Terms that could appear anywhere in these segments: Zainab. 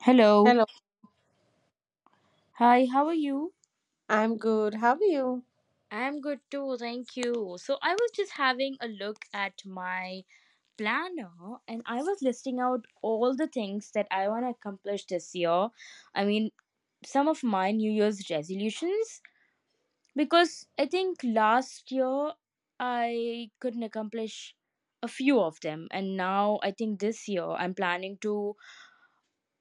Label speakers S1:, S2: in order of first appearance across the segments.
S1: Hello.
S2: Hello,
S1: Hi, how are you?
S2: I'm good. How are you?
S1: I'm good too, thank you. So I was just having a look at my planner, and I was listing out all the things that I want to accomplish this year. I mean, some of my New Year's resolutions, because I think last year I couldn't accomplish a few of them, and now I think this year I'm planning to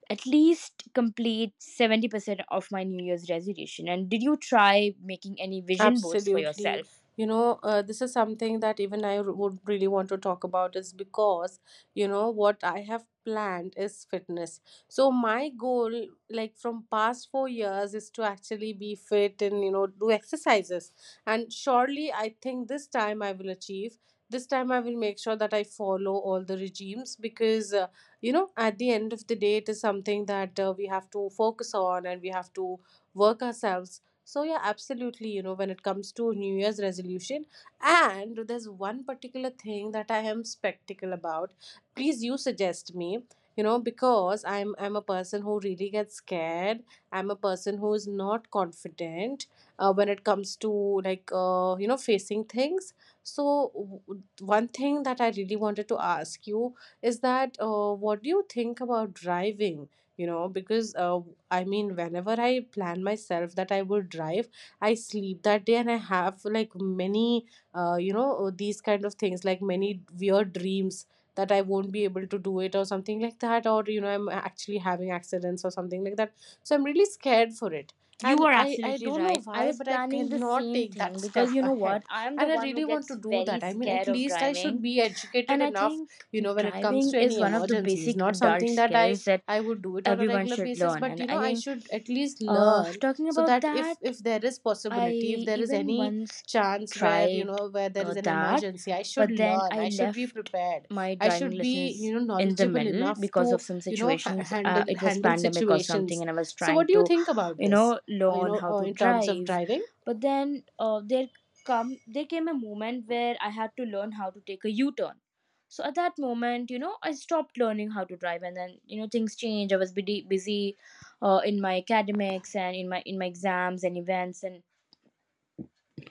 S1: at least complete 70% of my New Year's resolution. And did you try making any vision boards for
S2: Absolutely.
S1: yourself?
S2: This is something that even would really want to talk about is because, you know, what I have planned is fitness. So my goal, like from past 4 years, is to actually be fit and, you know, do exercises. And surely I think this time I will achieve. This time I will make sure that I follow all the regimes because, you know, at the end of the day, it is something that we have to focus on and we have to work ourselves. So yeah, absolutely, you know, when it comes to New Year's resolution, and there's one particular thing that I am spectacle about. Please you suggest me, you know, because I'm a person who really gets scared. I'm a person who is not confident when it comes to like you know facing things. So one thing that I really wanted to ask you is that what do you think about driving? You know because I mean whenever I plan myself that I would drive, I sleep that day and I have like many these kind of things, like many weird dreams that I won't be able to do it or something like that, or you know I'm actually having accidents or something like that. So I'm really scared for it.
S1: You
S2: and
S1: are
S2: i i
S1: absolutely
S2: don't know
S1: right. I
S2: why,
S1: was
S2: but I
S1: planning the
S2: cannot
S1: same
S2: take that
S1: thing
S2: step
S1: because you know
S2: ahead.
S1: what? I am the
S2: And I
S1: one who
S2: really want
S1: gets
S2: to do
S1: very
S2: that. I mean, at
S1: scared of
S2: least I should
S1: driving.
S2: be educated
S1: And I
S2: enough,
S1: think
S2: you know, when it comes
S1: driving
S2: to
S1: is
S2: any
S1: one of the
S2: emergencies.
S1: basic
S2: Not
S1: adult
S2: something that i
S1: skills that
S2: i would do it on a
S1: everyone
S2: regular
S1: should
S2: basis,
S1: learn.
S2: but
S1: And
S2: you know
S1: I
S2: I
S1: think,
S2: should at least learn,
S1: talking
S2: so
S1: about
S2: that if
S1: that,
S2: if there is possibility, if
S1: I
S2: there is
S1: even
S2: any
S1: once
S2: chance where you know
S1: tried
S2: where there is an
S1: that,
S2: emergency, I should
S1: but then
S2: learn,
S1: I
S2: I should be
S1: left
S2: prepared.
S1: my
S2: I
S1: driving
S2: should be, you
S1: lessons
S2: know,
S1: in the
S2: knowledgeable
S1: middle
S2: enough to,
S1: because of some
S2: you know, ha-
S1: situations.
S2: handle
S1: It was
S2: handle
S1: pandemic or something,
S2: situations.
S1: and I was
S2: So what
S1: trying
S2: do you
S1: to,
S2: think about
S1: you
S2: this,
S1: know,
S2: you
S1: learn
S2: know,
S1: how to
S2: in terms of
S1: drive.
S2: driving?
S1: But then there come there came a moment where I had to learn how to take a U turn. So at that moment, you know, I stopped learning how to drive, and then you know things changed. I was busy in my academics and in my exams and events, and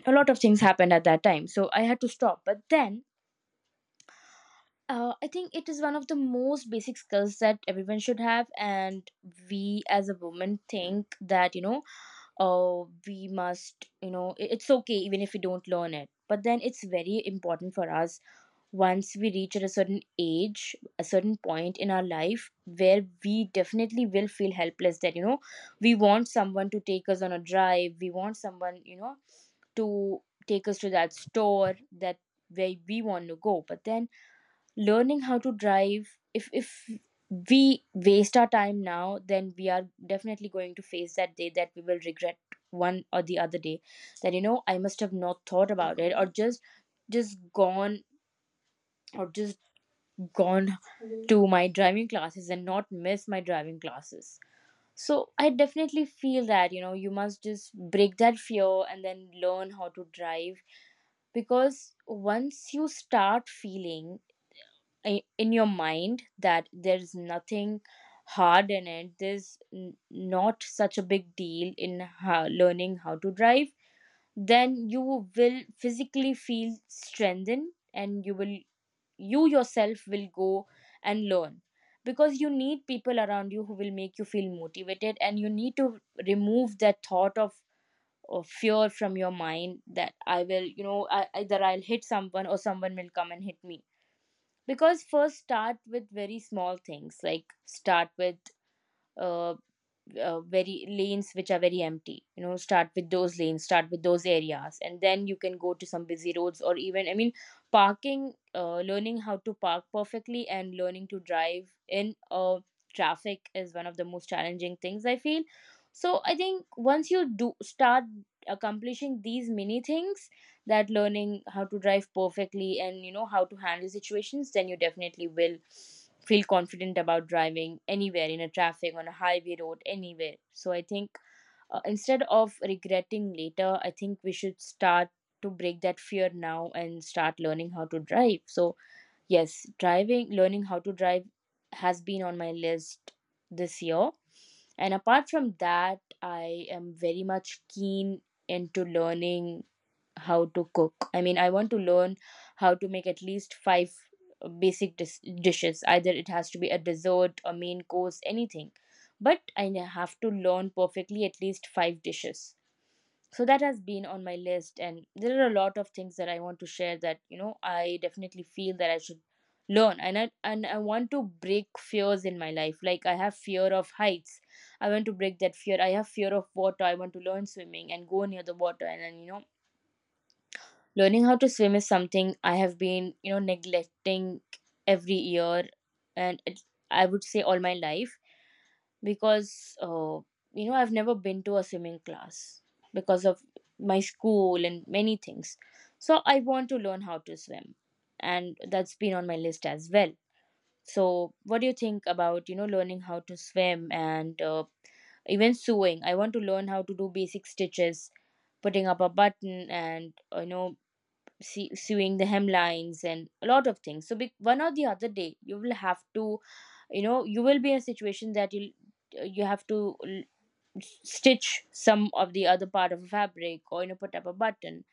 S1: a lot of things happened at that time, so I had to stop. But then I think it is one of the most basic skills that everyone should have. And we as a woman think that, you know, we must, you know, it's okay even if we don't learn it, but then it's very important for us once we reach at a certain age, a certain point in our life, where we definitely will feel helpless, that you know we want someone to take us on a drive, we want someone, you know, to take us to that store, that where we want to go. But then, learning how to drive, if we waste our time now, then we are definitely going to face that day that we will regret one or the other day, that you know I must have not thought about it, or just gone, or just gone to my driving classes and not miss my driving classes. So I definitely feel that you know you must just break that fear and then learn how to drive, because once you start feeling in your mind that there's nothing hard in it, there's n- not such a big deal in how, learning how to drive, then you will physically feel strengthened, and you will, you yourself will go and learn. Because you need people around you who will make you feel motivated, and you need to remove that thought of or fear from your mind that I will, you know, I, either I'll hit someone or someone will come and hit me. Because first start with very small things, like start with uh, very lanes which are very empty, you know, start with those lanes, start with those areas, and then you can go to some busy roads, or even I mean parking, learning how to park perfectly. And learning to drive in traffic is one of the most challenging things I feel. So I think once you do start accomplishing these mini things, that learning how to drive perfectly and you know how to handle situations, then you definitely will feel confident about driving anywhere, in a traffic, on a highway road, anywhere. So I think, instead of regretting later, I think we should start to break that fear now and start learning how to drive. So yes, driving, learning how to drive has been on my list this year. And apart from that, I am very much keen into learning how to cook. I mean, I want to learn how to make at least five basic dishes. Either it has to be a dessert, a main course, anything. But I have to learn perfectly at least five dishes. So that has been on my list. And there are a lot of things that I want to share, that you know I definitely feel that I should learn. And I want to break fears in my life. Like I have fear of heights, I want to break that fear. I have fear of water, I want to learn swimming and go near the water. And then, you know, learning how to swim is something I have been, you know, neglecting every year, and it, I would say all my life, because, you know, I've never been to a swimming class because of my school and many things. So I want to learn how to swim, and that's been on my list as well. So, what do you think about, you know, learning how to swim and even sewing? I want to learn how to do basic stitches, putting up a button, and you know, see, sewing the hemlines and a lot of things. So be, one or the other day you will have to, you know, you will be in a situation that you have to stitch some of the other part of a fabric, or you know, put up a button.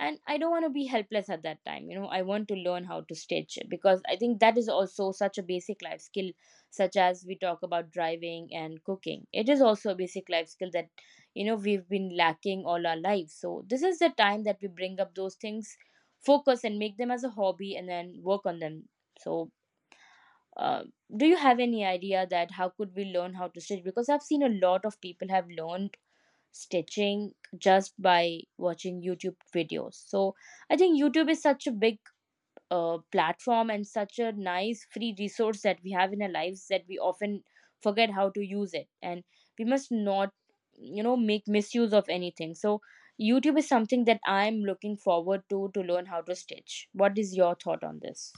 S1: And I don't want to be helpless at that time. You know, I want to learn how to stitch, because I think that is also such a basic life skill, such as we talk about driving and cooking. It is also a basic life skill that you know we've been lacking all our lives. So this is the time that we bring up those things, focus and make them as a hobby, and then work on them. So uh, do you have any idea that how could we learn how to stitch? Because I've seen a lot of people have learned stitching just by watching YouTube videos. So I think YouTube is such a big platform and such a nice free resource that we have in our lives, that we often forget how to use it. And we must not, you know, make misuse of anything. So YouTube is something that I'm looking forward to learn how to stitch. What is your thought on this?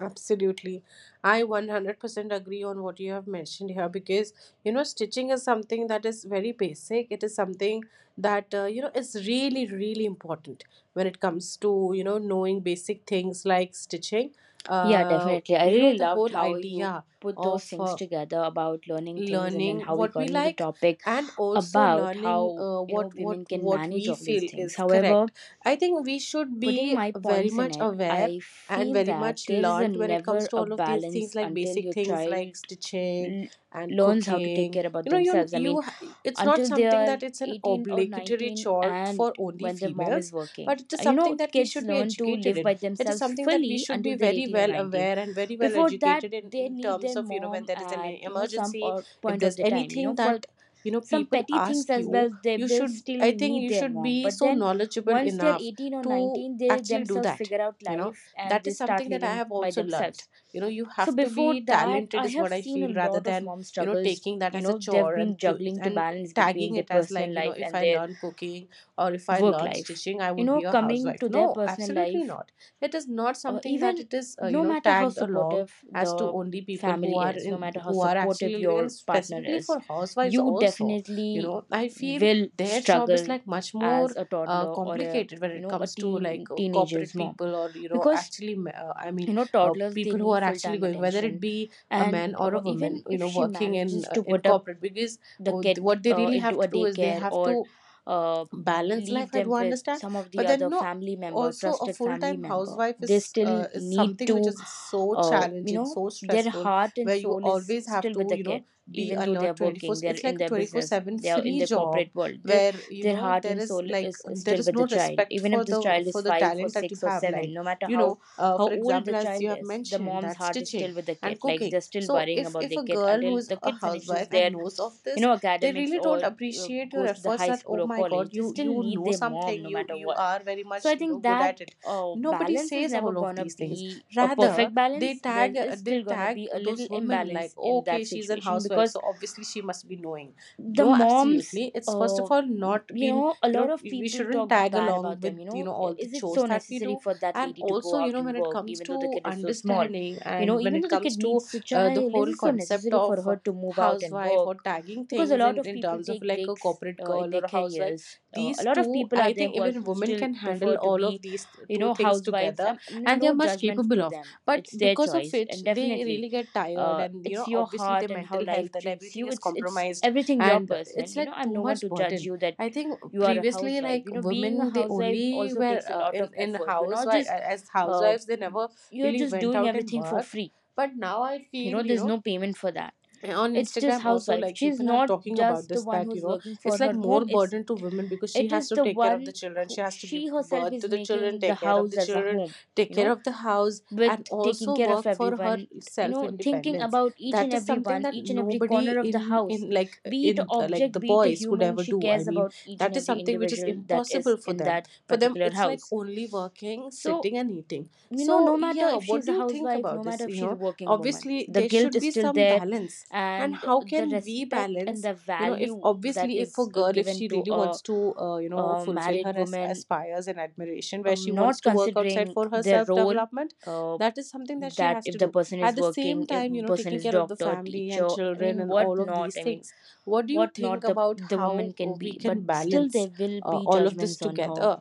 S2: Absolutely. I 100% agree on what you have mentioned here because, you know, stitching is something that is very basic. It is something that, you know, is really, really important when it comes to, you know, knowing basic things like stitching.
S1: Yeah,
S2: Uh,
S1: definitely. I
S2: you know,
S1: really
S2: the
S1: loved
S2: whole
S1: how you
S2: idea
S1: put those
S2: of
S1: things together about learning things, and then
S2: learning
S1: how we
S2: what we
S1: got into the
S2: like,
S1: topic
S2: and also
S1: about
S2: learning
S1: how, you know,
S2: what what
S1: women can
S2: what
S1: manage
S2: we
S1: all these
S2: feel
S1: things.
S2: is
S1: However,
S2: correct. I think we should be
S1: putting my
S2: very
S1: points in
S2: much
S1: it,
S2: aware
S1: I
S2: and
S1: feel
S2: very
S1: that
S2: much
S1: there is a
S2: learned when it comes
S1: never
S2: to
S1: a
S2: all of these things,
S1: balance
S2: like
S1: until
S2: basic
S1: your
S2: things like
S1: child
S2: stitching
S1: l-
S2: and
S1: learns how to take
S2: cooking.
S1: care about
S2: You know, you
S1: themselves. I mean,
S2: you ha- it's not
S1: until they
S2: something
S1: are
S2: that it's an
S1: 18 or
S2: obligatory
S1: 19,
S2: chore for
S1: and
S2: only
S1: when their mom is
S2: females,
S1: working.
S2: but it is
S1: You
S2: something
S1: know,
S2: that we
S1: kids
S2: should be
S1: learn to
S2: educated
S1: live
S2: in.
S1: by
S2: It is
S1: themselves
S2: something that we
S1: fully
S2: should be
S1: until they're
S2: very
S1: 18 or
S2: well
S1: 19.
S2: aware and very well
S1: Before that,
S2: educated in
S1: they
S2: in
S1: need
S2: terms
S1: their
S2: of, you know,
S1: mom
S2: when there is an
S1: at, you know, some
S2: emergency,
S1: or
S2: if
S1: point
S2: there's
S1: of the time, you know,
S2: anything
S1: for
S2: that you know
S1: some
S2: people
S1: petty things
S2: ask
S1: as well,
S2: you,
S1: they
S2: you
S1: will
S2: should,
S1: still
S2: I think
S1: need
S2: you
S1: their
S2: should
S1: mom.
S2: be
S1: But
S2: so
S1: then
S2: knowledgeable
S1: once they're
S2: enough
S1: 18 or
S2: to
S1: 19, they
S2: actually do
S1: themselves
S2: that.
S1: figure out
S2: You know,
S1: life and
S2: that
S1: they
S2: is
S1: start
S2: something that I
S1: living
S2: have
S1: by
S2: also learned.
S1: themselves.
S2: You know, you
S1: So
S2: have to
S1: before
S2: be
S1: that,
S2: talented,
S1: I
S2: is
S1: have
S2: what I
S1: seen
S2: feel,
S1: a
S2: rather
S1: lot of
S2: than,
S1: mom
S2: you know,
S1: struggles.
S2: taking that
S1: You
S2: as a
S1: know, they've
S2: chore, and
S1: been
S2: to
S1: juggling to
S2: and
S1: balance between
S2: tagging
S1: their
S2: it as
S1: personal
S2: like, you know,
S1: life
S2: if
S1: and
S2: I
S1: their
S2: learn cooking or if I
S1: work
S2: learn
S1: life.
S2: stitching I
S1: You
S2: would
S1: know,
S2: be a
S1: coming
S2: housewife.
S1: to their
S2: No,
S1: personal
S2: absolutely
S1: life,
S2: not. It is not something that
S1: even
S2: it is, you
S1: no
S2: know,
S1: matter how
S2: tagged along
S1: supportive
S2: as to
S1: the
S2: only people who
S1: family
S2: are
S1: is,
S2: in,
S1: no matter how
S2: who are actually
S1: supportive
S2: living, and
S1: your partner
S2: specifically
S1: is,
S2: for housewives
S1: you
S2: also. You
S1: definitely
S2: know, I feel
S1: will
S2: their job is
S1: struggle
S2: like much
S1: as
S2: more
S1: a toddler or a,
S2: complicated when
S1: you
S2: it
S1: know, a
S2: comes to like
S1: teenager's
S2: corporate
S1: mom.
S2: people, or you know
S1: Because
S2: actually I mean,
S1: you know toddlers, they
S2: people who
S1: need
S2: are
S1: full
S2: actually
S1: time
S2: going, whether it
S1: attention.
S2: be a
S1: And
S2: man or a woman,
S1: even
S2: you
S1: if
S2: know,
S1: she
S2: working
S1: manages to
S2: in
S1: put up
S2: corporate. Because
S1: the
S2: oh,
S1: kid
S2: what they really have
S1: into
S2: to
S1: a
S2: do is they
S1: daycare,
S2: have
S1: or
S2: to
S1: uh,
S2: balanced life,
S1: leave
S2: I do
S1: them with
S2: understand,
S1: some of the
S2: but then
S1: other
S2: no,
S1: family member,
S2: also a
S1: trusted family
S2: full-time
S1: member,
S2: housewife
S1: they
S2: is,
S1: still
S2: is
S1: need
S2: something which
S1: to,
S2: is so
S1: you
S2: challenging,
S1: know,
S2: so
S1: their
S2: stressful,
S1: heart and
S2: where you
S1: soul is
S2: always have
S1: still with
S2: to,
S1: the
S2: you
S1: kid.
S2: know, be
S1: Even though they
S2: alert
S1: are
S2: 24.
S1: working, they're
S2: It's
S1: in
S2: like a
S1: their business,
S2: 24/7
S1: they are in
S2: free
S1: their
S2: job,
S1: corporate world, they,
S2: where you
S1: their
S2: know
S1: heart
S2: there
S1: and
S2: is
S1: soul
S2: like
S1: is,
S2: there
S1: still
S2: is
S1: with the
S2: no
S1: child,
S2: respect
S1: even
S2: for
S1: if this
S2: the,
S1: child
S2: for
S1: is
S2: the
S1: 5 or
S2: talent that you
S1: 6 or
S2: have. Like,
S1: 7. No matter
S2: you
S1: how
S2: know, for
S1: old
S2: example,
S1: the
S2: as
S1: child
S2: you have
S1: is, the
S2: mentioned,
S1: mom's
S2: that
S1: heart is
S2: stitching
S1: still with the kid.
S2: and
S1: Like
S2: cooking.
S1: they're still
S2: So
S1: worrying
S2: if
S1: about
S2: if a
S1: their kid
S2: girl who
S1: until
S2: is
S1: the
S2: a
S1: kid
S2: housewife
S1: finishes
S2: and
S1: their,
S2: knows of
S1: you
S2: this,
S1: know,
S2: they
S1: academics,
S2: really don't
S1: or
S2: appreciate your
S1: goes to the
S2: efforts,
S1: high
S2: that
S1: school
S2: oh
S1: or
S2: my
S1: college,
S2: god,
S1: they
S2: you
S1: still
S2: you
S1: need
S2: know
S1: their mom,
S2: something,
S1: no
S2: you
S1: matter
S2: you
S1: what.
S2: are very
S1: So
S2: much,
S1: I
S2: you know,
S1: think
S2: good
S1: that,
S2: at it.
S1: oh,
S2: Nobody
S1: balance is
S2: says
S1: never
S2: all of
S1: gonna
S2: these things.
S1: be a
S2: Rather,
S1: perfect
S2: they
S1: balance. There
S2: tag
S1: is
S2: they
S1: still gonna
S2: tag
S1: be a
S2: those
S1: little
S2: women like,
S1: imbalance
S2: "Oh,
S1: in
S2: okay,
S1: that
S2: she's an
S1: situation,
S2: housewife,
S1: because
S2: so obviously she must be knowing."
S1: the
S2: No,
S1: moms,
S2: absolutely, it's first
S1: uh,
S2: of all not
S1: you
S2: been,
S1: know, a
S2: you know,
S1: lot of
S2: we
S1: people
S2: shouldn't
S1: talk
S2: tag
S1: bad
S2: along
S1: about
S2: with,
S1: them, you
S2: you
S1: know,
S2: know, all the
S1: is it
S2: chores
S1: so
S2: that we
S1: necessary
S2: do.
S1: for that
S2: And
S1: lady to
S2: also,
S1: go
S2: you
S1: out
S2: know, when
S1: and
S2: it
S1: work,
S2: comes
S1: even though the
S2: to
S1: kid is so small?
S2: understanding
S1: You know,
S2: and when
S1: even
S2: it
S1: though the
S2: comes
S1: kid
S2: to,
S1: needs a
S2: the
S1: child, is
S2: whole
S1: it so
S2: concept
S1: necessary for
S2: of
S1: her to move out and
S2: housewife, or
S1: work?
S2: tagging
S1: Because a
S2: things
S1: lot
S2: in
S1: of
S2: in
S1: people
S2: terms of
S1: take
S2: like a
S1: breaks
S2: corporate
S1: in
S2: girl or
S1: their
S2: a housewife,
S1: careers. A
S2: these
S1: lot of
S2: two,
S1: people
S2: I
S1: are there
S2: think
S1: who are,
S2: even
S1: who
S2: women
S1: still
S2: can handle
S1: prefer to
S2: all of
S1: be
S2: these
S1: you
S2: two
S1: Know
S2: things
S1: housewives,
S2: together, and they
S1: no
S2: are much
S1: judgment
S2: capable
S1: to
S2: of.
S1: them.
S2: But
S1: It's their
S2: because of
S1: choice,
S2: which
S1: and
S2: they
S1: definitely
S2: really get tired, and you
S1: it's
S2: know,
S1: your
S2: obviously
S1: heart
S2: their
S1: and how
S2: mental
S1: life
S2: health and
S1: treats
S2: everything
S1: you.
S2: is
S1: It's
S2: compromised,
S1: everything, your
S2: and
S1: personal,
S2: it's like
S1: I'm
S2: too
S1: no one
S2: much
S1: to judge
S2: burden.
S1: you that
S2: I think
S1: you are a
S2: previously,
S1: housewife.
S2: like,
S1: You know, being a
S2: women, they
S1: housewife
S2: only
S1: also
S2: were
S1: takes a lot of
S2: in
S1: effort. You're
S2: house
S1: not just
S2: as
S1: uh,
S2: housewives, they never
S1: you're
S2: really
S1: just
S2: went
S1: doing
S2: out and
S1: everything for
S2: worked.
S1: free.
S2: But now I
S1: You
S2: feel,
S1: know,
S2: you
S1: there's
S2: know,
S1: no payment for that.
S2: on
S1: It's just
S2: Instagram also,
S1: housewife,
S2: like,
S1: she's
S2: people are
S1: not
S2: talking about
S1: just the
S2: this,
S1: one
S2: that, you
S1: who's
S2: know,
S1: working for
S2: it's like
S1: her home.
S2: more
S1: It's,
S2: burden to women, because she
S1: it
S2: has
S1: is
S2: to
S1: the
S2: take care of the
S1: one
S2: children,
S1: who,
S2: she has to give
S1: she herself
S2: birth to
S1: is
S2: the children,
S1: making the
S2: take care of
S1: house
S2: the
S1: as a
S2: children,
S1: home.
S2: take
S1: You
S2: care
S1: know,
S2: of the house,
S1: with
S2: and
S1: taking
S2: also
S1: care of
S2: work for her
S1: everyone, you
S2: self
S1: know, thinking
S2: independence.
S1: about each
S2: That
S1: and
S2: is
S1: every
S2: something
S1: one,
S2: that
S1: each and every
S2: nobody
S1: corner of the
S2: in
S1: house.
S2: in like
S1: Be it
S2: in,
S1: a
S2: like
S1: object,
S2: the
S1: be it a
S2: boys could
S1: human,
S2: ever
S1: she
S2: do. I
S1: cares
S2: mean,
S1: about each and
S2: that is
S1: every
S2: something which is
S1: individual that is
S2: impossible for
S1: in
S2: them.
S1: that
S2: For them
S1: particular
S2: it's like
S1: house.
S2: only working,
S1: So,
S2: sitting, and eating.
S1: you know, no
S2: So
S1: matter
S2: yeah,
S1: if
S2: what
S1: she's
S2: do
S1: a
S2: you think
S1: housewife,
S2: about
S1: no
S2: this?
S1: matter if
S2: You
S1: she's a
S2: know,
S1: working woman,
S2: obviously
S1: the
S2: there
S1: guilt
S2: should
S1: is
S2: be
S1: still
S2: some
S1: there,
S2: balance, and
S1: and
S2: how
S1: the
S2: can we
S1: respect and
S2: balance,
S1: the
S2: you know, if
S1: value that
S2: obviously if a
S1: is
S2: girl, if
S1: given
S2: she
S1: to
S2: really wants to, you know,
S1: a
S2: fulfill her
S1: married woman,
S2: aspires and admiration, where she wants
S1: not
S2: to work outside
S1: considering
S2: for her
S1: their
S2: self
S1: role.
S2: development,
S1: uh,
S2: that is something that she
S1: that
S2: has to
S1: if the
S2: do,
S1: person
S2: at
S1: is
S2: the
S1: working,
S2: same
S1: if
S2: time, you know,
S1: person
S2: taking
S1: is
S2: care of the
S1: doctor,
S2: family and
S1: teacher, I
S2: children
S1: mean
S2: and
S1: what
S2: all of
S1: not,
S2: these
S1: I mean
S2: things. What do you
S1: what
S2: think
S1: not, the
S2: about
S1: the
S2: how
S1: woman can
S2: we
S1: be, but
S2: can
S1: still
S2: balance
S1: there will be
S2: all of this
S1: judgments on her.
S2: together,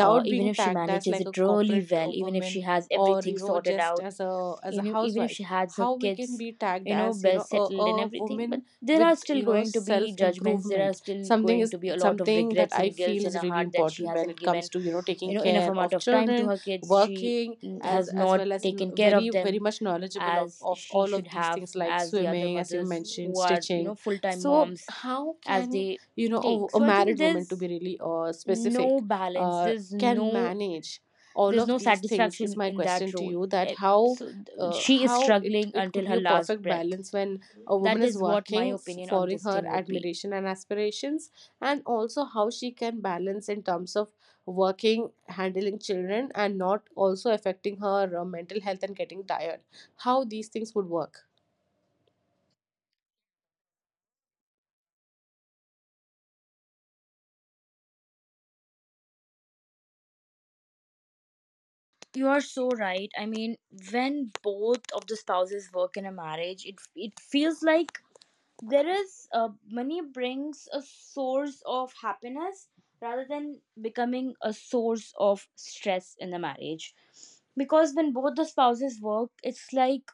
S1: Even
S2: being
S1: if she
S2: tagged as
S1: manages
S2: like a
S1: it really
S2: corporate
S1: well, even if she
S2: woman,
S1: has
S2: or
S1: everything
S2: you know,
S1: sorted
S2: just
S1: out,
S2: as a, as a
S1: you know, even if
S2: housewife.
S1: she has her
S2: How we can
S1: kids,
S2: be tagged
S1: you know,
S2: as, you
S1: well
S2: know,
S1: settled and
S2: a
S1: everything, but
S2: woman
S1: there
S2: with,
S1: are still
S2: you know,
S1: going to
S2: self
S1: be judgments, there are
S2: improvement,
S1: still
S2: something
S1: going
S2: is
S1: to be a lot of
S2: something that
S1: regrets
S2: I
S1: and guilt
S2: feel
S1: in
S2: is
S1: her
S2: really
S1: heart that she
S2: important when
S1: hasn't
S2: it comes
S1: given,
S2: to, you know, taking
S1: you know, enough
S2: care
S1: amount
S2: of
S1: of time to
S2: children,
S1: her kids. she
S2: working,
S1: mm, has
S2: as
S1: not
S2: well as
S1: taken care
S2: very
S1: of
S2: very
S1: them
S2: much knowledgeable
S1: as
S2: of
S1: she
S2: all
S1: should
S2: of these
S1: have,
S2: things, like
S1: as the other
S2: swimming, as you
S1: mothers
S2: mentioned,
S1: who are, you
S2: stitching.
S1: know, full-time
S2: So
S1: moms,
S2: how
S1: as
S2: can,
S1: they
S2: you know,
S1: take.
S2: a
S1: So I think
S2: married woman, to be
S1: there's
S2: really
S1: no
S2: specific,
S1: balance,
S2: can manage all
S1: there's
S2: of
S1: no
S2: these things is
S1: satisfaction
S2: my
S1: in that
S2: question to
S1: role.
S2: you. That
S1: Eh,
S2: how,
S1: so she is
S2: how it
S1: struggling
S2: it could
S1: until
S2: be
S1: her
S2: a
S1: last
S2: perfect
S1: breath.
S2: balance when a woman
S1: That
S2: is
S1: is what my
S2: working,
S1: opinion on
S2: following
S1: this
S2: her
S1: thing would be.
S2: admiration and aspirations, and also how she can balance in terms of working, handling children, and not also affecting her mental health and getting tired. How these things would work?
S1: You are so right, I mean, when both of the spouses work in a marriage, it feels like there is, money brings a source of happiness rather than becoming a source of stress in the marriage. Because when both the spouses work, it's like,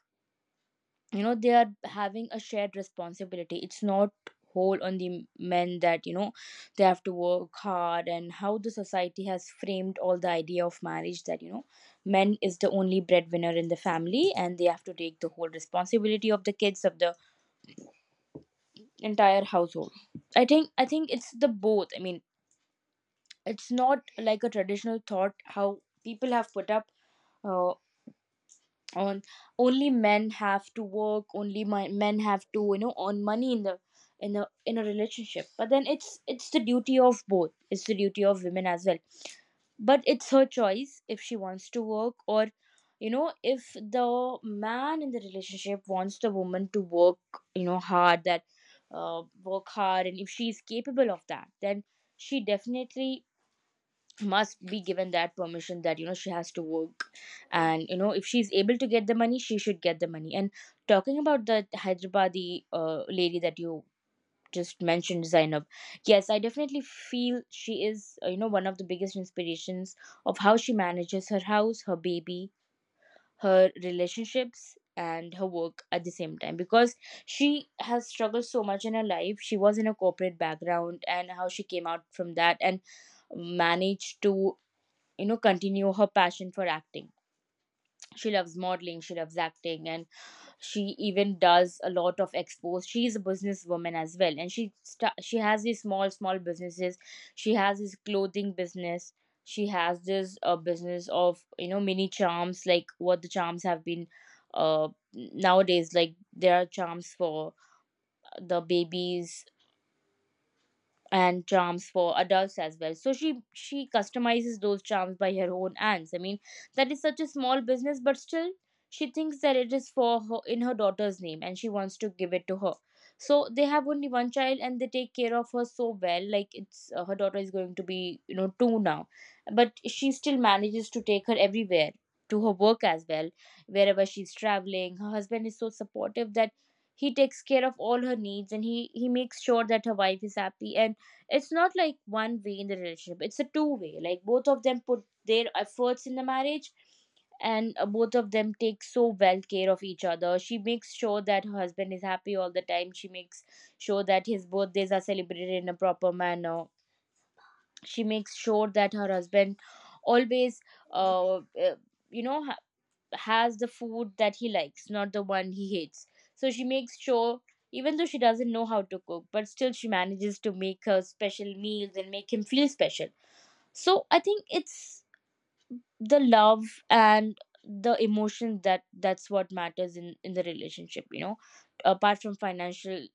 S1: you know, they are having a shared responsibility. It's not whole on the men, that, you know, they have to work hard. And how the society has framed all the idea of marriage, that, you know, men is the only breadwinner in the family and they have to take the whole responsibility of the kids, of the entire household. I think it's the both, I mean, it's not like a traditional thought how people have put up uh, on, only men have to work, only men have to, you know, earn money in the, in a relationship. But then it's the duty of both, it's the duty of women as well. But it's her choice if she wants to work, or, you know, if the man in the relationship wants the woman to work, you know, hard, that work hard. And if she is capable of that, then she definitely must be given that permission, that, you know, she has to work. And, you know, if she's able to get the money, she should get the money. And talking about that Hyderabadi lady that you just mentioned, Zainab. Yes, I definitely feel she is, you know, one of the biggest inspirations of how she manages her house, her baby, her relationships, and her work at the same time, because she has struggled so much in her life. She was in a corporate background, and how she came out from that and managed to, you know, continue her passion for acting. She loves modeling, she loves acting, and she even does a lot of expos. She is a businesswoman as well, and she has these small small businesses. She has this clothing business, she has this business of, you know, mini charms, like what the charms have been nowadays, like there are charms for the babies and charms for adults as well. So she customizes those charms by her own hands, I mean, that is such a small business, but still she thinks that it is for her, in her daughter's name, and she wants to give it to her. So they have only one child and they take care of her so well. Like, it's, her daughter is going to be, you know, two now, but she still manages to take her everywhere, to her work as well, wherever she's traveling. Her husband is so supportive that he takes care of all her needs, and he makes sure that her wife is happy. And it's not like one way in the relationship, it's a two way, like both of them put their efforts in the marriage. And both of them take so well care of each other. She makes sure that her husband is happy all the time, she makes sure that his birthdays are celebrated in a proper manner, she makes sure that her husband always uh, uh, you know, has the food that he likes, not the one he hates. So she makes sure, even though she doesn't know how to cook, but still she manages to make her special meals and make him feel special. So I think it's the love and the emotion, that that's what matters in the relationship. You know, apart from financial,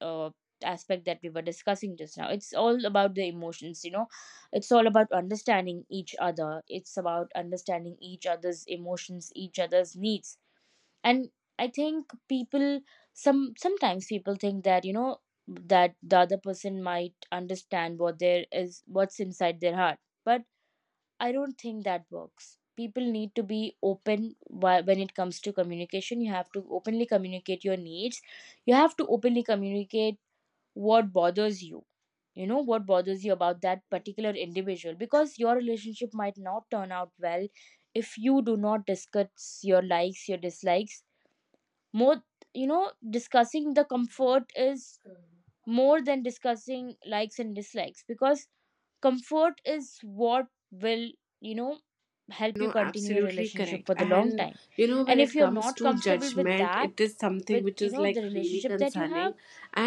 S1: Uh, aspect that we were discussing just now, it's all about the emotions, you know, it's all about understanding each other, it's about understanding each other's emotions, each other's needs. And I think people, sometimes people think that, you know, that the other person might understand what there is, what's inside their heart. But I don't think that works. People need to be open when it comes to communication. You have to openly communicate your needs, you have to openly communicate what bothers you, you know, what bothers you about that particular individual, because your relationship might not turn out well if you do not discuss your likes, your dislikes. More, you know, discussing the comfort is more than discussing likes and dislikes, because comfort is what will, you know, help you
S2: No,
S1: continue your
S2: absolutely
S1: relationship
S2: correct.
S1: for the long
S2: And
S1: time.
S2: you know, when
S1: And if
S2: it
S1: you're
S2: comes
S1: not
S2: to
S1: comfortable with
S2: judgment,
S1: that,
S2: it is something
S1: with,
S2: which
S1: you
S2: is
S1: know,
S2: like
S1: the
S2: really
S1: relationship that you have,
S2: concerning,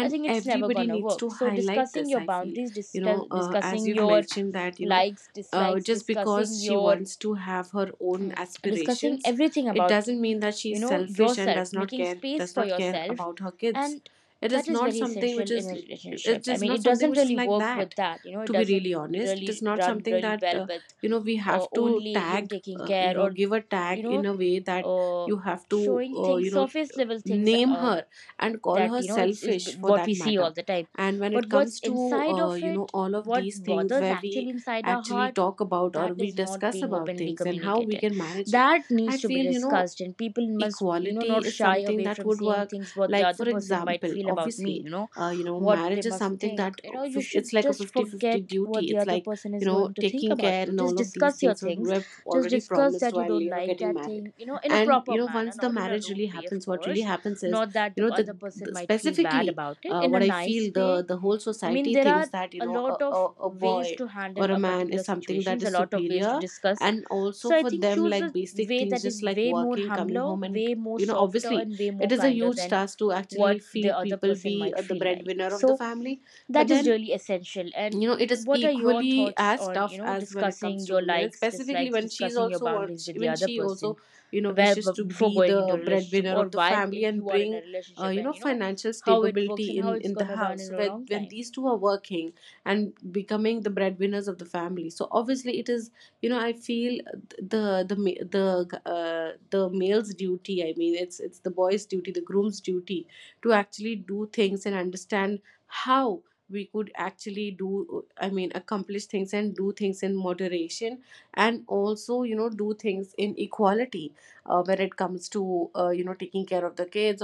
S1: I think it's never
S2: everybody
S1: gonna
S2: needs to
S1: work. So
S2: highlight
S1: discussing
S2: this.
S1: your
S2: I feel,
S1: boundaries,
S2: you know, as
S1: discussing
S2: you've
S1: your
S2: mentioned that, you know,
S1: likes, dislikes,
S2: just
S1: discussing
S2: because she
S1: your
S2: wants to have her own
S1: mm, discussing
S2: aspirations,
S1: everything
S2: it
S1: about,
S2: doesn't mean that
S1: you
S2: she's
S1: know,
S2: selfish and
S1: yourself, making space
S2: does
S1: for
S2: not care
S1: yourself,
S2: about her kids.
S1: and
S2: It
S1: that
S2: is
S1: is
S2: not
S1: very
S2: something which
S1: essential in
S2: is,
S1: a relationship.
S2: it
S1: I
S2: is
S1: mean,
S2: not
S1: it
S2: something
S1: doesn't
S2: which is
S1: really
S2: like
S1: work with
S2: that.
S1: that, you know, it
S2: To be
S1: doesn't
S2: really honest, it is
S1: really
S2: not
S1: run
S2: something
S1: really
S2: that
S1: well with
S2: you know we have to
S1: only, you know,
S2: tag,
S1: taking
S2: you
S1: care, or,
S2: know give a tag
S1: you know,
S2: in a way that
S1: uh,
S2: you have to,
S1: showing things,
S2: you know,
S1: surface level things,
S2: name her and call
S1: that,
S2: her
S1: you know, it's, is
S2: selfish for
S1: what
S2: that
S1: we see
S2: matter.
S1: all the time.
S2: And when it
S1: But what's
S2: comes to
S1: inside of
S2: you know
S1: it,
S2: all of
S1: what
S2: these things
S1: bothers
S2: where we
S1: actually inside our
S2: actually
S1: heart,
S2: talk about or
S1: that
S2: we
S1: is not
S2: discuss
S1: being
S2: about
S1: openly
S2: things and how we
S1: communicated.
S2: can manage it,
S1: That
S2: I
S1: needs to be
S2: feel you know
S1: discussed, and people must, you know,
S2: equality
S1: not
S2: is
S1: shy
S2: something
S1: away
S2: that
S1: from
S2: would
S1: saying
S2: work.
S1: things what the
S2: Like
S1: other
S2: for
S1: person might
S2: example,
S1: feel about me,
S2: obviously,
S1: you know,
S2: you know
S1: what they
S2: marriage is
S1: must
S2: something
S1: think.
S2: that,
S1: You know, you should
S2: it's like a
S1: just
S2: fifty-fifty
S1: forget what
S2: duty.
S1: the
S2: It's
S1: other
S2: like,
S1: person
S2: you
S1: is
S2: know,
S1: going to think
S2: taking
S1: about
S2: care
S1: you,
S2: and
S1: just
S2: all of these
S1: discuss your
S2: things were
S1: things,
S2: were
S1: just
S2: already
S1: discuss
S2: promised
S1: that you
S2: while
S1: don't
S2: you know
S1: like
S2: getting
S1: that
S2: married.
S1: thing, you know, in a
S2: And you
S1: proper
S2: know
S1: manner,
S2: once the
S1: not in a
S2: marriage
S1: rude
S2: really
S1: way, of
S2: happens, what really
S1: course.
S2: happens is,
S1: Not that
S2: you
S1: the
S2: know,
S1: other person
S2: the
S1: might feel bad
S2: specifically,
S1: about it, in a
S2: what I feel,
S1: nice
S2: the
S1: way.
S2: the whole
S1: I mean,
S2: society
S1: there
S2: thinks
S1: are
S2: that you
S1: a
S2: know,
S1: lot of
S2: a
S1: ways
S2: boy
S1: to
S2: or
S1: handle
S2: a
S1: a
S2: man is
S1: particular
S2: something that
S1: situations, a
S2: is
S1: lot of ways to
S2: superior.
S1: discuss.
S2: And also
S1: So I
S2: for
S1: think
S2: them
S1: choose
S2: like
S1: a
S2: basic
S1: way
S2: things,
S1: that
S2: just
S1: is
S2: like
S1: way more
S2: working, coming
S1: humbler,
S2: home, and
S1: way more
S2: you know
S1: softer,
S2: obviously
S1: and way
S2: it
S1: more
S2: is a
S1: kinder
S2: huge
S1: than
S2: task to actually
S1: what the
S2: feed
S1: other
S2: people,
S1: person
S2: be
S1: might
S2: the
S1: feel like.
S2: breadwinner of the
S1: So
S2: family. But
S1: that is
S2: then
S1: really essential. And
S2: you know it is
S1: what are your
S2: equally
S1: thoughts
S2: as
S1: on, you
S2: tough
S1: know,
S2: as when it comes
S1: discussing
S2: to
S1: your
S2: women, and
S1: likes,
S2: specifically
S1: dislikes,
S2: when she's
S1: discussing your
S2: also
S1: boundaries
S2: wants
S1: with the
S2: when
S1: other
S2: she
S1: person,
S2: also, you know,
S1: where
S2: wishes to
S1: before
S2: be
S1: going into
S2: the
S1: a relationship
S2: breadwinner
S1: or
S2: of the
S1: while
S2: family and
S1: you are in a
S2: bring
S1: relationship,
S2: you know
S1: and, you know,
S2: financial
S1: how it works
S2: stability
S1: and how
S2: in
S1: it's
S2: the
S1: gonna run
S2: house.
S1: in
S2: So
S1: a
S2: when
S1: long time.
S2: these two are working and becoming the breadwinners of the family, so obviously it is, you know I feel, the ma- the male's duty. I mean it's the boy's duty, the groom's duty, to actually do things and understand how we could actually do, I mean accomplish things and do things in moderation, and also, you know, do things in equality when it comes to you know taking care of the kids